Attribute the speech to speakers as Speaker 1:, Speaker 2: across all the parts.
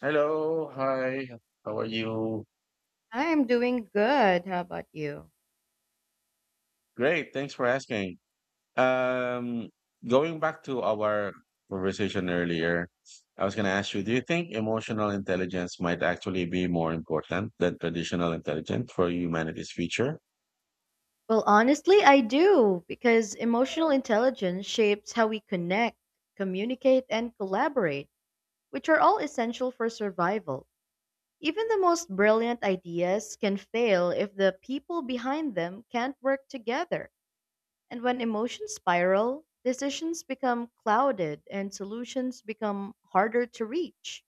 Speaker 1: Hello, hi. How are you?
Speaker 2: I'm doing good. How about you?
Speaker 1: Great, thanks for asking. Um, Going back to our conversation earlier, I was going to ask you, do you think emotional intelligence might actually be more important than traditional intelligence for humanity's future?
Speaker 2: Well, honestly, I do because emotional intelligence shapes how we connect, communicate, and collaborate, which are all essential for survival. Even the most brilliant ideas can fail if the people behind them can't work together. And when emotions spiral, decisions become clouded and solutions become harder to reach.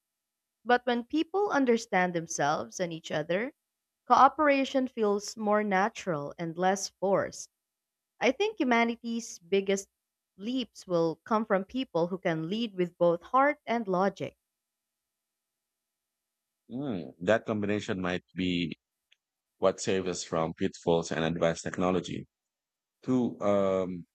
Speaker 2: But when people understand themselves and each other, cooperation feels more natural and less forced. I think humanity's biggest leaps will come from people who can lead with both heart and logic.
Speaker 1: Hmm, that combination might be what saves us from pitfalls and advanced technology. Two,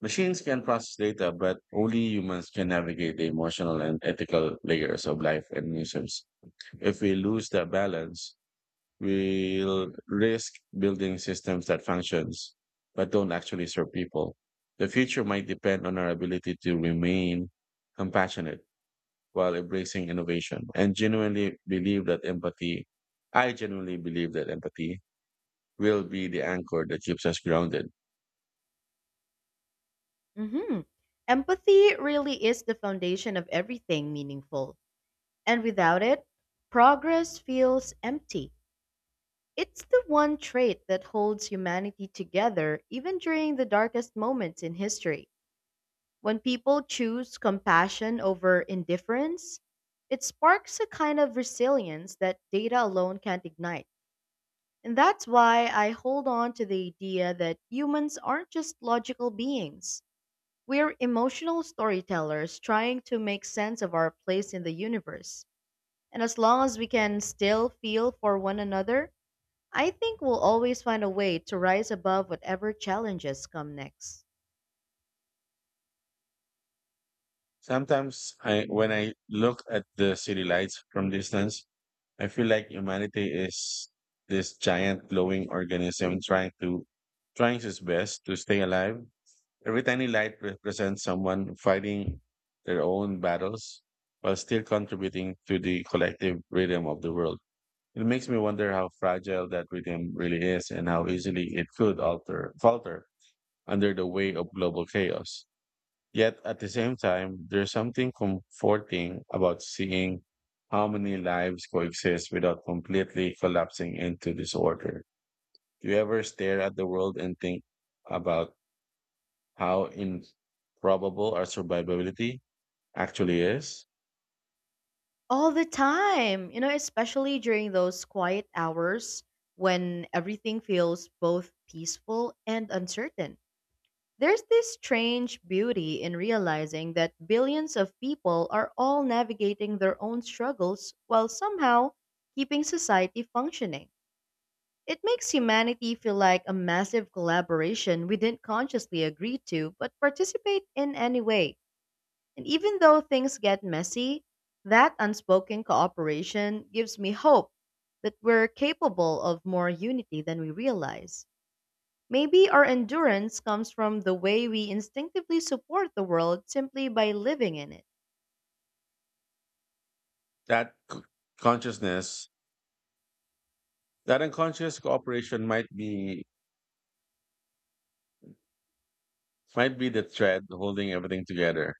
Speaker 1: machines can process data, but only humans can navigate the emotional and ethical layers of life and museums. If we lose that balance, we'll risk building systems that functions but don't actually serve people. The future might depend on our ability to remain compassionate while embracing innovation and genuinely believe that empathy. I genuinely believe that empathy will be the anchor that keeps us grounded.
Speaker 2: Hmm. Empathy really is the foundation of everything meaningful, and without it, progress feels empty. It's the one trait that holds humanity together even during the darkest moments in history. When people choose compassion over indifference, it sparks a kind of resilience that data alone can't ignite. And that's why I hold on to the idea that humans aren't just logical beings. We're emotional storytellers trying to make sense of our place in the universe. And as long as we can still feel for one another, I think we'll always find a way to rise above whatever challenges come next.
Speaker 1: Sometimes when I look at the city lights from distance, I feel like humanity is this giant glowing organism trying its best to stay alive. Every tiny light represents someone fighting their own battles while still contributing to the collective rhythm of the world. It makes me wonder how fragile that rhythm really is and how easily it could alter falter under the weight of global chaos. Yet at the same time, there's something comforting about seeing how many lives coexist without completely collapsing into disorder. Do you ever stare at the world and think about how improbable our survivability actually is?
Speaker 2: All the time, you know, especially during those quiet hours when everything feels both peaceful and uncertain. There's this strange beauty in realizing that billions of people are all navigating their own struggles while somehow keeping society functioning. It makes humanity feel like a massive collaboration we didn't consciously agree to but participate in anyway. And even though things get messy, that unspoken cooperation gives me hope that we're capable of more unity than we realize. Maybe our endurance comes from the way we instinctively support the world simply by living in it.
Speaker 1: That consciousness, that unconscious cooperation might be the thread holding everything together,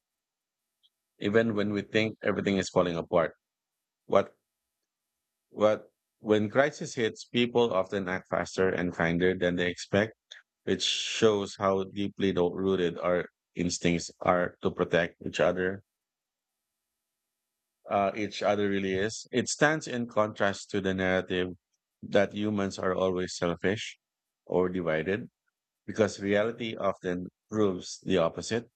Speaker 1: even when we think everything is falling apart. What But when crisis hits, people often act faster and kinder than they expect, which shows how deeply rooted our instincts are to protect each other. Each other really is. It stands in contrast to the narrative that humans are always selfish or divided, because reality often proves the opposite.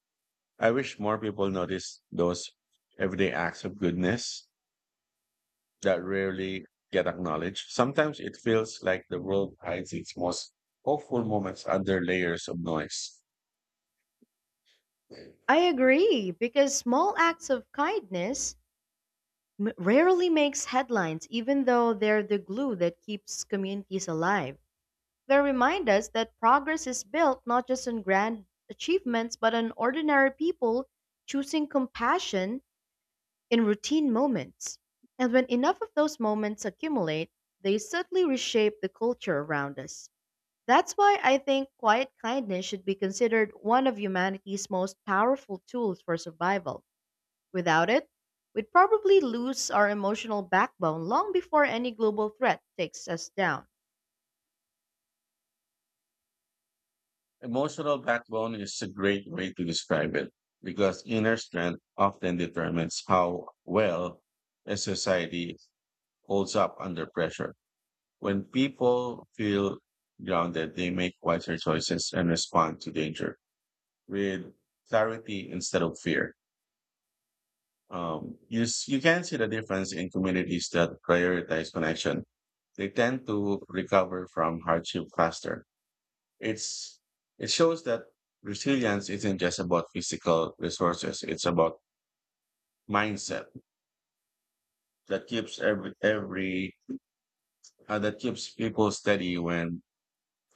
Speaker 1: I wish more people notice those everyday acts of goodness that rarely get acknowledged. Sometimes it feels like the world hides its most hopeful moments under layers of noise.
Speaker 2: I agree, because small acts of kindness rarely makes headlines even though they're the glue that keeps communities alive. They remind us that progress is built not just on grand achievements, but on ordinary people choosing compassion in routine moments. And when enough of those moments accumulate, they subtly reshape the culture around us. That's why I think quiet kindness should be considered one of humanity's most powerful tools for survival. Without it, we'd probably lose our emotional backbone long before any global threat takes us down.
Speaker 1: Emotional backbone is a great way to describe it because inner strength often determines how well a society holds up under pressure. When people feel grounded, they make wiser choices and respond to danger with clarity instead of fear. You can see the difference in communities that prioritize connection. They tend to recover from hardship faster. It's it shows that resilience isn't just about physical resources; it's about mindset that keeps every that keeps people steady when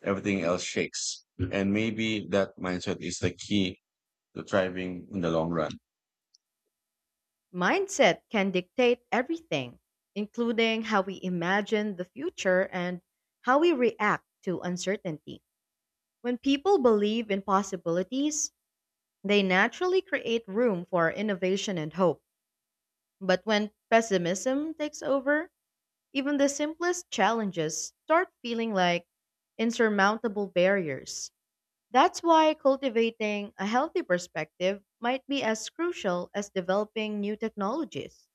Speaker 1: everything else shakes. And maybe that mindset is the key to thriving in the long run.
Speaker 2: Mindset can dictate everything, including how we imagine the future and how we react to uncertainty. When people believe in possibilities, they naturally create room for innovation and hope. But when pessimism takes over, even the simplest challenges start feeling like insurmountable barriers. That's why cultivating a healthy perspective might be as crucial as developing new technologies.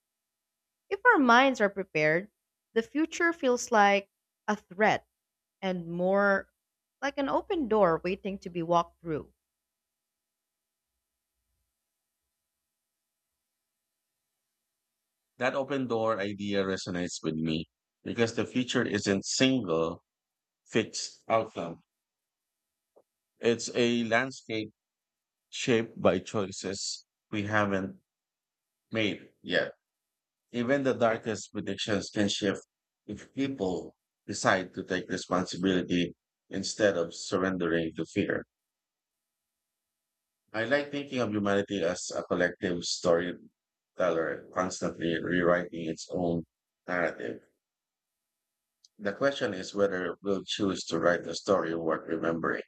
Speaker 2: If our minds are prepared, the future feels like a threat and more like an open door waiting to be walked through.
Speaker 1: That open door idea resonates with me because the future isn't single fixed outcome. It's a landscape shaped by choices we haven't made yet. Even the darkest predictions can shift if people decide to take responsibility instead of surrendering to fear. I like thinking of humanity as a collective storyteller, constantly rewriting its own narrative. The question is whether we'll choose to write a story worth remembering.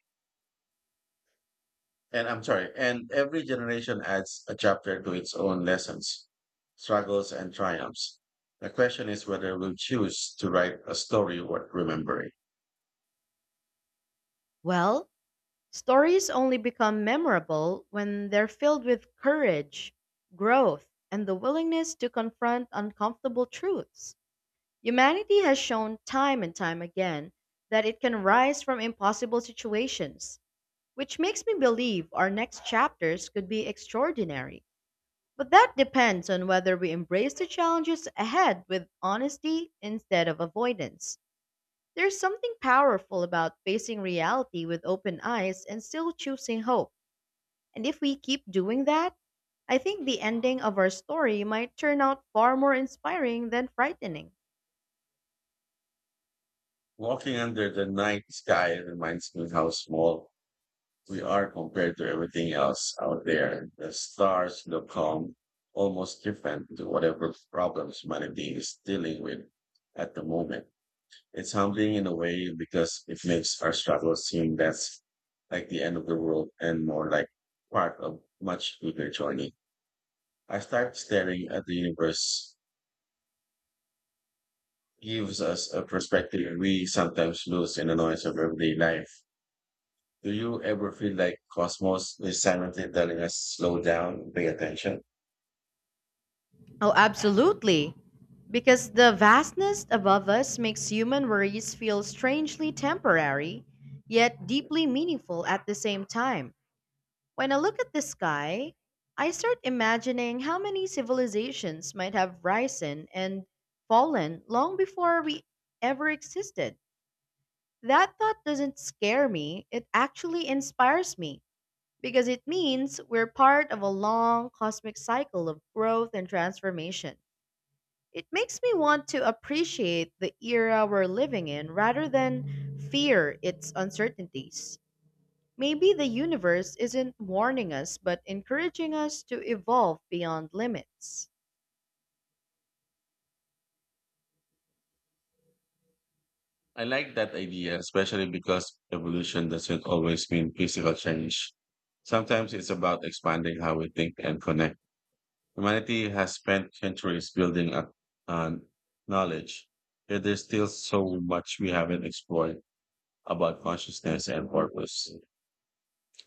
Speaker 1: And I'm sorry, and every generation adds a chapter to its own lessons, struggles, and triumphs. The question is whether we'll choose to write a story worth remembering.
Speaker 2: Well, stories only become memorable when they're filled with courage, growth, and the willingness to confront uncomfortable truths. Humanity has shown time and time again that it can rise from impossible situations, which makes me believe our next chapters could be extraordinary. But that depends on whether we embrace the challenges ahead with honesty instead of avoidance. There's something powerful about facing reality with open eyes and still choosing hope. And if we keep doing that, I think the ending of our story might turn out far more inspiring than frightening.
Speaker 1: Walking under the night sky reminds me how small we are compared to everything else out there. The stars look calm, almost different to whatever problems humanity is dealing with at the moment. It's humbling in a way because it makes our struggles seem less like the end of the world and more like part of much bigger journey. I start staring at the universe gives us a perspective we sometimes lose in the noise of everyday life. Do you ever feel like Cosmos is silently telling us slow down, pay attention?
Speaker 2: Oh, absolutely. Because the vastness above us makes human worries feel strangely temporary, yet deeply meaningful at the same time. When I look at the sky, I start imagining how many civilizations might have risen and fallen long before we ever existed. That thought doesn't scare me, it actually inspires me because it means we're part of a long cosmic cycle of growth and transformation. It makes me want to appreciate the era we're living in rather than fear its uncertainties. Maybe the universe isn't warning us, but encouraging us to evolve beyond limits.
Speaker 1: I like that idea, especially because evolution doesn't always mean physical change. Sometimes it's about expanding how we think and connect. Humanity has spent centuries building up on knowledge, yet there's still so much we haven't explored about consciousness and purpose.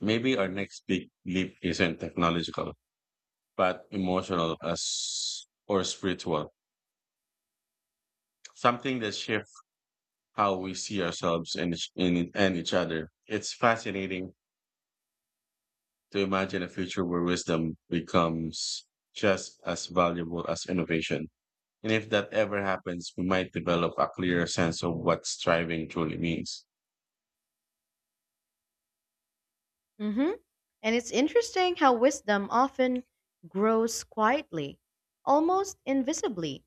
Speaker 1: Maybe our next big leap isn't technological, but emotional as or spiritual. Something that shifts how we see ourselves and and each other. It's fascinating to imagine a future where wisdom becomes just as valuable as innovation. And if that ever happens, we might develop a clearer sense of what striving truly means.
Speaker 2: Hmm. And it's interesting how wisdom often grows quietly, almost invisibly,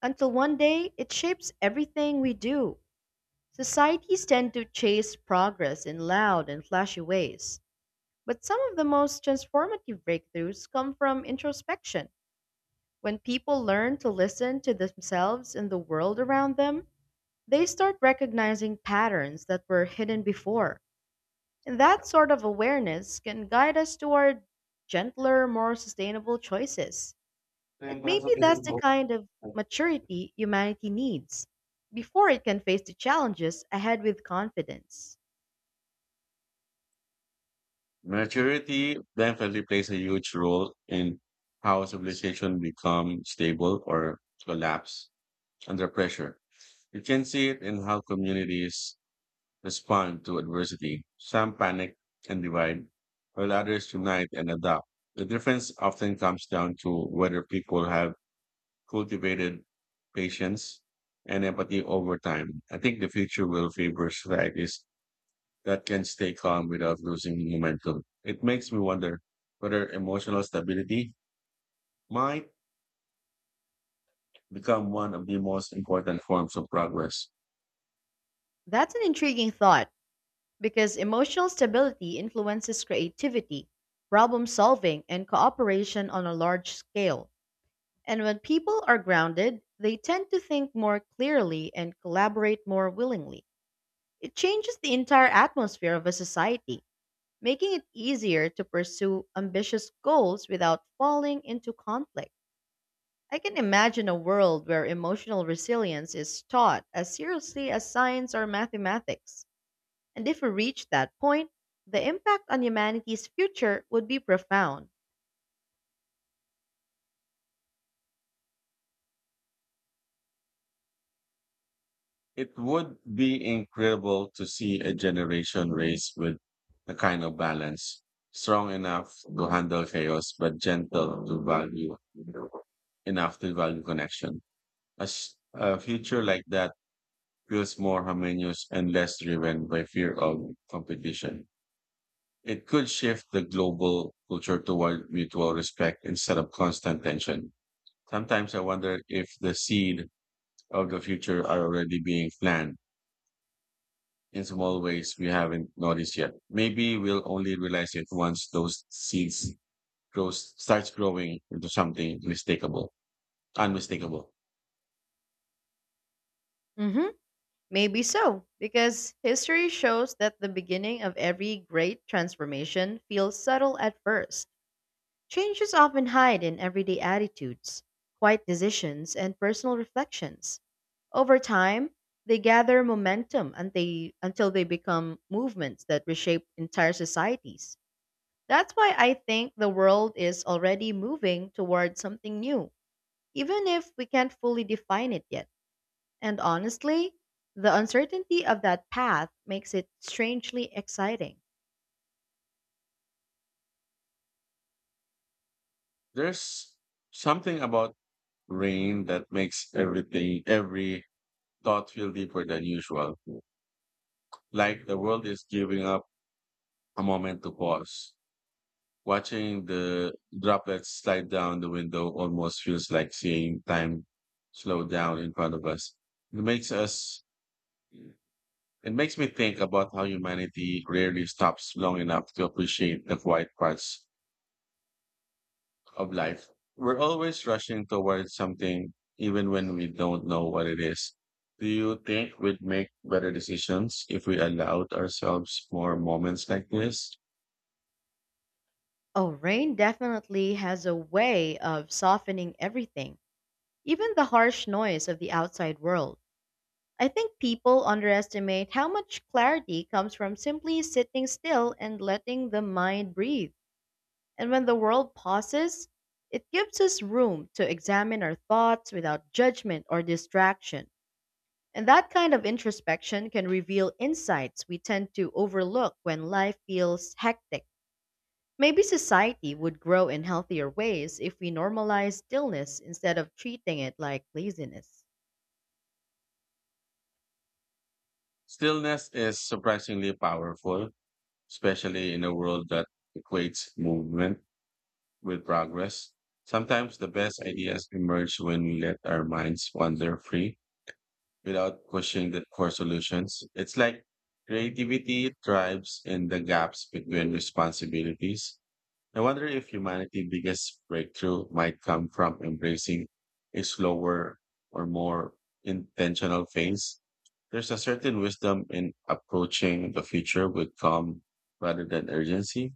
Speaker 2: until one day it shapes everything we do. Societies tend to chase progress in loud and flashy ways, but some of the most transformative breakthroughs come from introspection. When people learn to listen to themselves and the world around them, they start recognizing patterns that were hidden before. And that sort of awareness can guide us toward gentler, more sustainable choices. And maybe that's the kind of maturity humanity needs before it can face the challenges ahead with confidence.
Speaker 1: Maturity definitely plays a huge role in how civilization become stable or collapse under pressure. You can see it in how communities respond to adversity. Some panic and divide, while others unite and adapt. The difference often comes down to whether people have cultivated patience and empathy over time. I think the future will favor strategies that can stay calm without losing momentum. It makes me wonder whether emotional stability might become one of the most important forms of progress.
Speaker 2: That's an intriguing thought because emotional stability influences creativity, problem solving, and cooperation on a large scale. And when people are grounded, they tend to think more clearly and collaborate more willingly. It changes the entire atmosphere of a society, making it easier to pursue ambitious goals without falling into conflict. I can imagine a world where emotional resilience is taught as seriously as science or mathematics. And if we reach that point, the impact on humanity's future would be profound.
Speaker 1: It would be incredible to see a generation raised with the kind of balance, strong enough to handle chaos, but gentle to value enough to value connection. A future like that feels more harmonious and less driven by fear of competition. It could shift the global culture toward mutual respect instead of constant tension. Sometimes I wonder if the seed of the future are already being planted in small ways we haven't noticed yet. Maybe we'll only realize it once those seeds grows starts growing into something unmistakable.
Speaker 2: Mhm. Maybe so, because history shows that the beginning of every great transformation feels subtle at first. Changes often hide in everyday attitudes, quiet decisions, and personal reflections. Over time, they gather momentum and they, until they become movements that reshape entire societies. That's why I think the world is already moving toward something new, even if we can't fully define it yet. And honestly, the uncertainty of that path makes it strangely exciting.
Speaker 1: There's something about rain that makes every thought feel deeper than usual, like the world is giving up a moment to pause. Watching the droplets slide down the window almost feels like seeing time slow down in front of us. It makes us it makes me think about how humanity rarely stops long enough to appreciate the quiet parts of life. We're always rushing towards something, even when we don't know what it is. Do you think we'd make better decisions if we allowed ourselves more moments like this?
Speaker 2: Oh, rain definitely has a way of softening everything, even the harsh noise of the outside world. I think people underestimate how much clarity comes from simply sitting still and letting the mind breathe. And when the world pauses, it gives us room to examine our thoughts without judgment or distraction. And that kind of introspection can reveal insights we tend to overlook when life feels hectic. Maybe society would grow in healthier ways if we normalize stillness instead of treating it like laziness.
Speaker 1: Stillness is surprisingly powerful, especially in a world that equates movement with progress. Sometimes the best ideas emerge when we let our minds wander free without questioning the core solutions. It's like creativity thrives in the gaps between responsibilities. I wonder if humanity's biggest breakthrough might come from embracing a slower or more intentional phase. There's a certain wisdom in approaching the future with calm rather than urgency.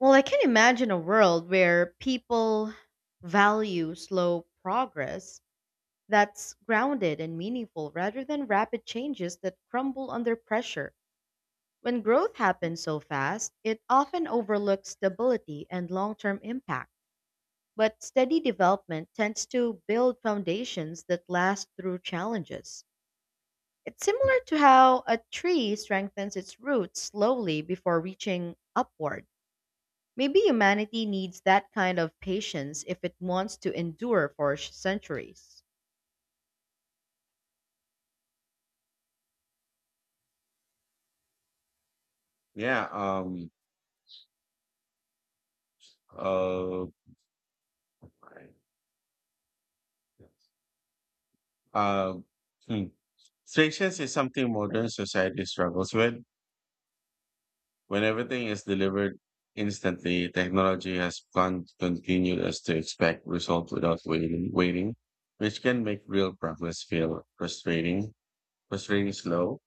Speaker 2: Well, I can imagine a world where people value slow progress that's grounded and meaningful rather than rapid changes that crumble under pressure. When growth happens so fast, it often overlooks stability and long term impact. But steady development tends to build foundations that last through challenges. It's similar to how a tree strengthens its roots slowly before reaching upward. Maybe humanity needs that kind of patience if it wants to endure for centuries.
Speaker 1: Yeah. Uh. Uh. hmm. Strictness is something modern society struggles with. When everything is delivered instantly, technology has continued us to expect results without waiting, which can make real progress feel frustrating slow,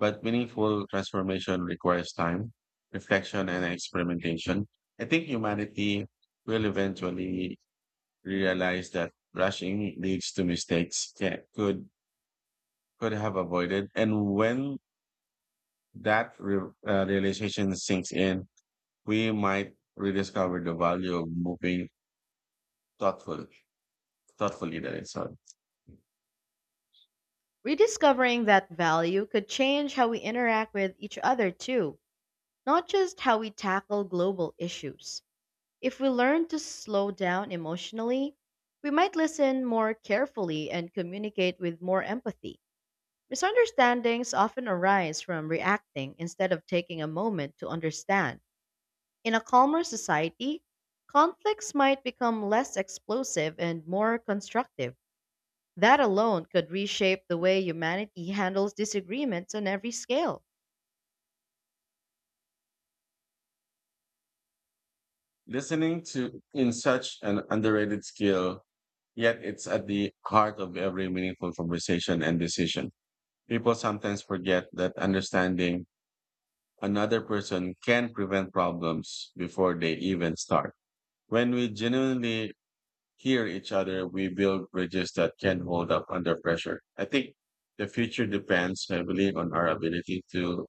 Speaker 1: but meaningful transformation requires time, reflection, and experimentation. I think humanity will eventually realize that rushing leads to mistakes could have avoided, and when that realization sinks in we might rediscover the value of moving thoughtful, thoughtfully. That it's sorry.
Speaker 2: Rediscovering that value could change how we interact with each other, too, not just how we tackle global issues. If we learn to slow down emotionally, we might listen more carefully and communicate with more empathy. Misunderstandings often arise from reacting instead of taking a moment to understand. In a calmer society, conflicts might become less explosive and more constructive. That alone could reshape the way humanity handles disagreements on every scale.
Speaker 1: Listening to in such an underrated skill, yet it's at the heart of every meaningful conversation and decision. People sometimes forget that understanding another person can prevent problems before they even start. When we genuinely hear each other, we build bridges that can hold up under pressure. I think the future depends heavily on our ability to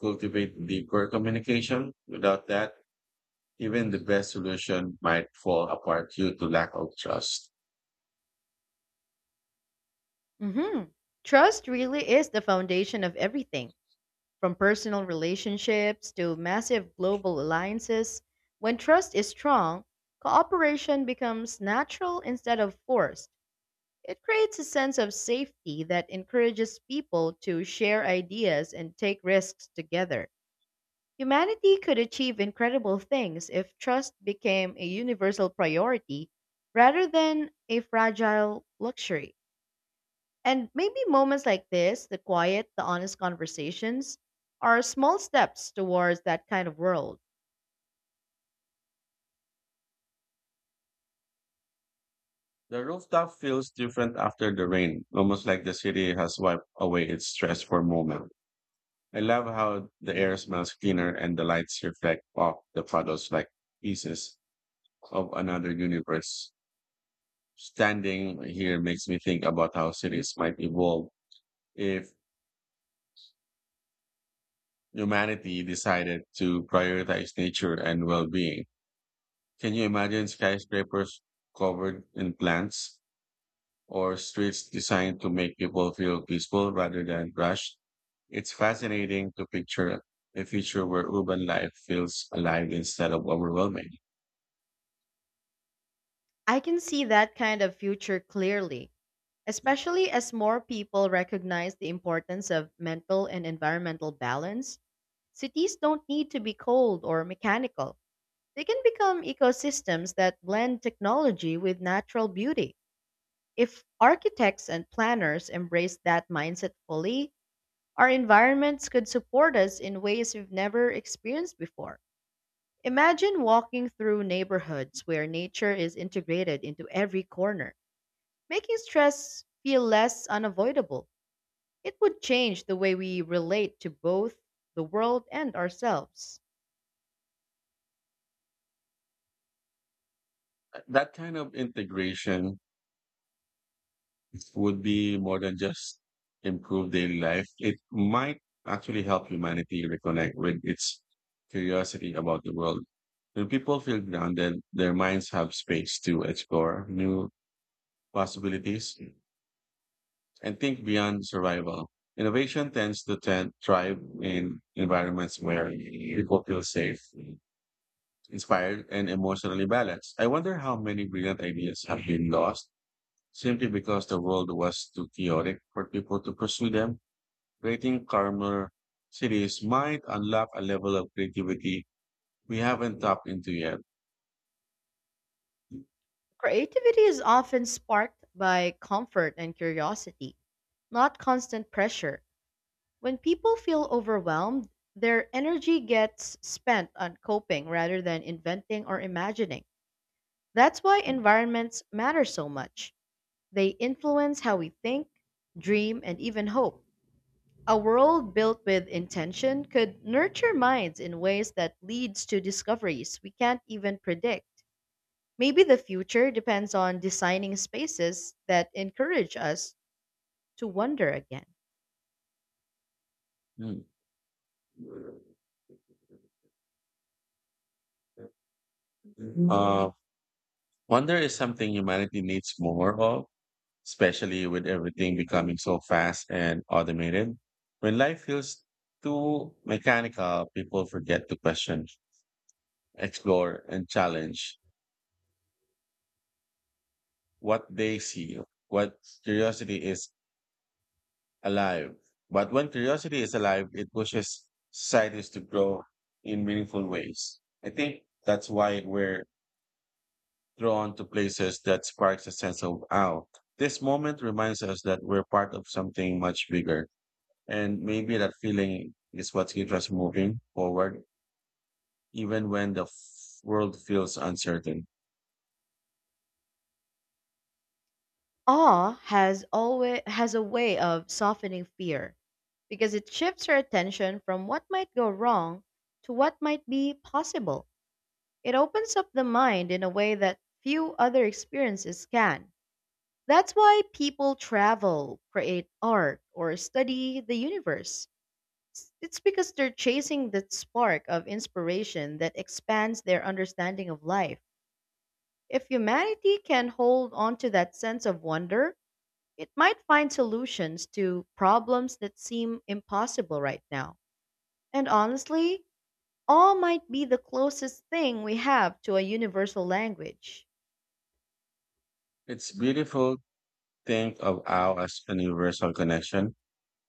Speaker 1: cultivate deeper communication. Without that, even the best solution might fall apart due to lack of trust.
Speaker 2: Mhm. Trust really is the foundation of everything. From personal relationships to massive global alliances, when trust is strong, cooperation becomes natural instead of forced. It creates a sense of safety that encourages people to share ideas and take risks together. Humanity could achieve incredible things if trust became a universal priority rather than a fragile luxury. And maybe moments like this, the quiet, the honest conversations, are small steps towards that kind of world.
Speaker 1: The rooftop feels different after the rain, almost like the city has wiped away its stress for a moment. I love how the air smells cleaner and the lights reflect off the puddles like pieces of another universe. Standing here makes me think about how cities might evolve if humanity decided to prioritize nature and well-being. Can you imagine skyscrapers covered in plants or streets designed to make people feel peaceful rather than rushed? It's fascinating to picture a future where urban life feels alive instead of overwhelming.
Speaker 2: I can see that kind of future clearly, especially as more people recognize the importance of mental and environmental balance. Cities don't need to be cold or mechanical. They can become ecosystems that blend technology with natural beauty. If architects and planners embrace that mindset fully, our environments could support us in ways we've never experienced before. Imagine walking through neighborhoods where nature is integrated into every corner, making stress feel less unavoidable. It would change the way we relate to both the world and ourselves.
Speaker 1: That kind of integration would be more than just improve daily life. It might actually help humanity reconnect with its curiosity about the world. When people feel grounded, their minds have space to explore new possibilities and think beyond survival. Innovation tends to thrive in environments where people feel safe, inspired, and emotionally balanced. I wonder how many brilliant ideas have been lost simply because the world was too chaotic for people to pursue them. Creating calmer cities might unlock a level of creativity we haven't tapped into yet.
Speaker 2: Creativity is often sparked by comfort and curiosity, not constant pressure. When people feel overwhelmed, their energy gets spent on coping rather than inventing or imagining. That's why environments matter so much. They influence how we think, dream, and even hope. A world built with intention could nurture minds in ways that leads to discoveries we can't even predict. Maybe the future depends on designing spaces that encourage us to wonder again.
Speaker 1: Hmm. Uh, Wonder is something humanity needs more of, especially with everything becoming so fast and automated. When life feels too mechanical, people forget to question, explore, and challenge what they see, what curiosity is alive. But when curiosity is alive, it pushes societies to grow in meaningful ways. I think that's why we're drawn to places that sparks a sense of, wow, this moment reminds us that we're part of something much bigger. And maybe that feeling is what keeps us moving forward, even when the world feels uncertain.
Speaker 2: Awe has always has a way of softening fear because it shifts your attention from what might go wrong to what might be possible. It opens up the mind in a way that few other experiences can. That's why people travel, create art, or study the universe. It's because they're chasing that spark of inspiration that expands their understanding of life. If humanity can hold on to that sense of wonder, it might find solutions to problems that seem impossible right now. And honestly, awe might be the closest thing we have to a universal language.
Speaker 1: It's beautiful to think of owl as an universal connection,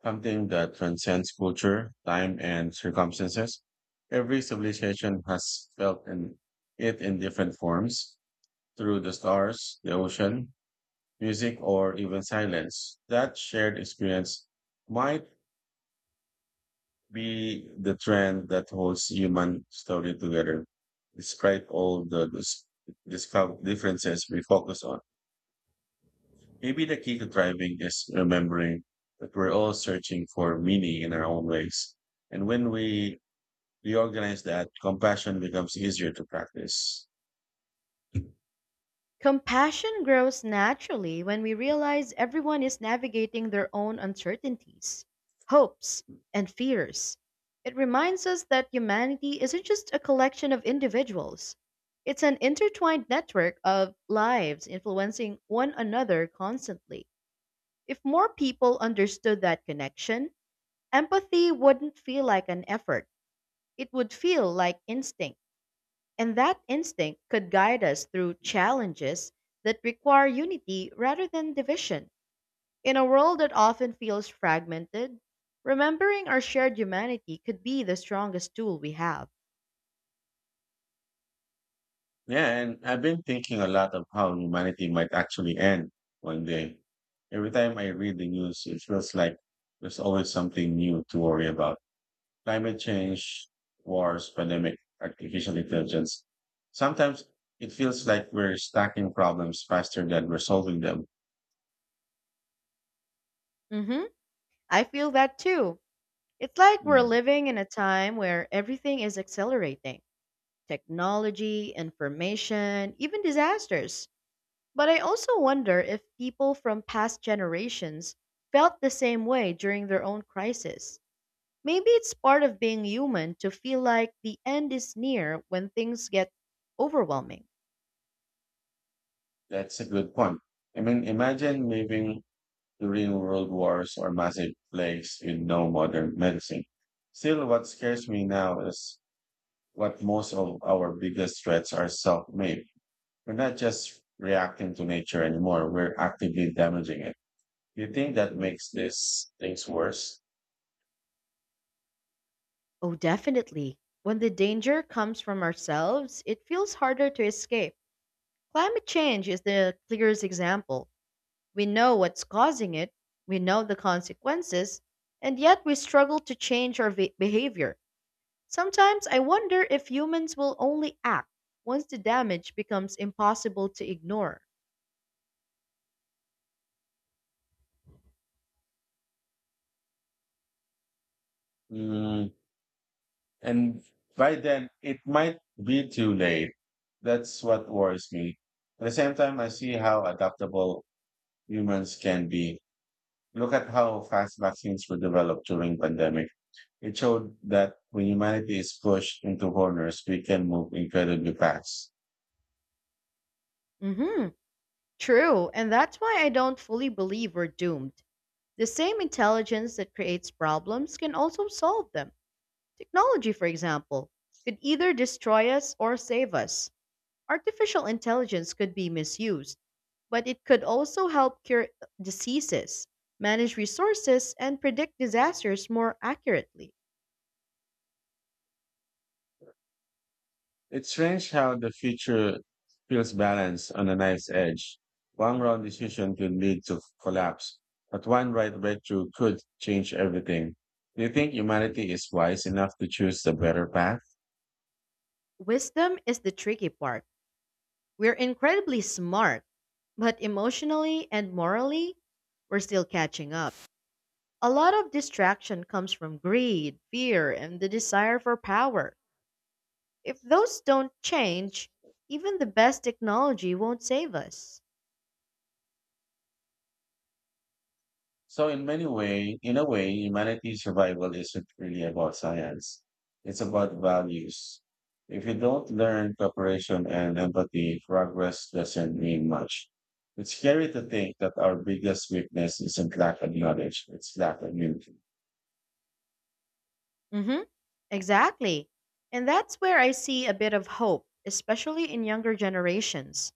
Speaker 1: something that transcends culture, time, and circumstances. Every civilization has felt in it in different forms, through the stars, the ocean, music, or even silence. That shared experience might be the trend that holds human story together. Despite all the differences we focus on, maybe the key to thriving is remembering that we're all searching for meaning in our own ways. And when we reorganize that, compassion becomes easier to practice.
Speaker 2: Compassion grows naturally when we realize everyone is navigating their own uncertainties, hopes, and fears. It reminds us that humanity isn't just a collection of individuals, it's an intertwined network of lives influencing one another constantly. If more people understood that connection, empathy wouldn't feel like an effort. It would feel like instinct, and that instinct could guide us through challenges that require unity rather than division. In a world that often feels fragmented, remembering our shared humanity could be the strongest tool we have.
Speaker 1: Yeah, and I've been thinking a lot of how humanity might actually end one day. Every time I read the news, it feels like there's always something new to worry about, climate change, wars, pandemic, artificial intelligence. Sometimes it feels like we're stacking problems faster than we're solving them.
Speaker 2: Hmm. I feel that too. It's like we're
Speaker 1: Mm.
Speaker 2: living in a time where everything is accelerating technology, information, even disasters. But I also wonder if people from past generations felt the same way during their own crisis. Maybe it's part of being human to feel like the end is near when things get overwhelming.
Speaker 1: That's a good point. I mean, imagine living during world wars or massive plagues with no modern medicine. Still, what scares me now is what most of our biggest threats are self-made. We're not just reacting to nature anymore, we're actively damaging it. Do you think that makes these things worse?
Speaker 2: Oh, definitely. When the danger comes from ourselves, it feels harder to escape. Climate change is the clearest example. We know what's causing it, we know the consequences, and yet we struggle to change our behavior. Sometimes I wonder if humans will only act once the damage becomes impossible to ignore.
Speaker 1: Mm. And by then, it might be too late. That's what worries me. At the same time, I see how adaptable humans can be. Look at how fast vaccines were developed during pandemic. It showed that when humanity is pushed into corners, we can move incredibly fast.
Speaker 2: Hmm. True, and that's why I don't fully believe we're doomed. The same intelligence that creates problems can also solve them. Technology, for example, could either destroy us or save us. Artificial intelligence could be misused, but it could also help cure diseases, manage resources, and predict disasters more accurately.
Speaker 1: It's strange how the future feels balanced on a knife's edge. One wrong decision could lead to collapse, but one right breakthrough could change everything. Do you think humanity is wise enough to choose the better path?
Speaker 2: Wisdom is the tricky part. We're incredibly smart, but emotionally and morally, we're still catching up. A lot of distraction comes from greed, fear, and the desire for power. If those don't change, even the best technology won't save us.
Speaker 1: In a way, humanity's survival isn't really about science. It's about values. If you don't learn cooperation and empathy, progress doesn't mean much. It's scary to think that our biggest weakness isn't lack of knowledge, it's lack of unity.
Speaker 2: Hmm, exactly. And that's where I see a bit of hope, especially in younger generations.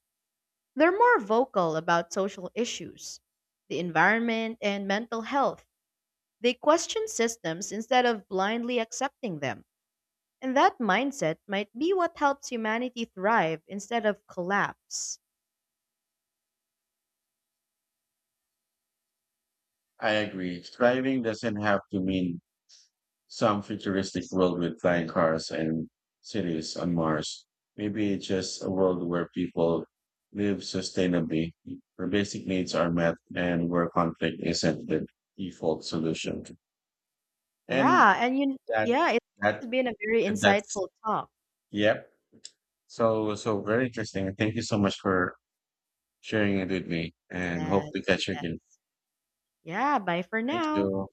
Speaker 2: They're more vocal about social issues, the environment, and mental health. They question systems instead of blindly accepting them. And that mindset might be what helps humanity thrive instead of collapse.
Speaker 1: I agree. Striving doesn't have to mean some futuristic world with flying cars and cities on Mars. Maybe it's just a world where people live sustainably, where basic needs are met, and where conflict isn't the default solution. And
Speaker 2: Yeah, and you
Speaker 1: that
Speaker 2: yeah, it, This
Speaker 1: that
Speaker 2: has been a very
Speaker 1: that's
Speaker 2: insightful talk.
Speaker 1: yep. So very interesting. Thank you so much for sharing it with me, and
Speaker 2: Yes,
Speaker 1: hope to catch you again.
Speaker 2: yes. Yeah, bye for
Speaker 1: Thank
Speaker 2: now.
Speaker 1: you.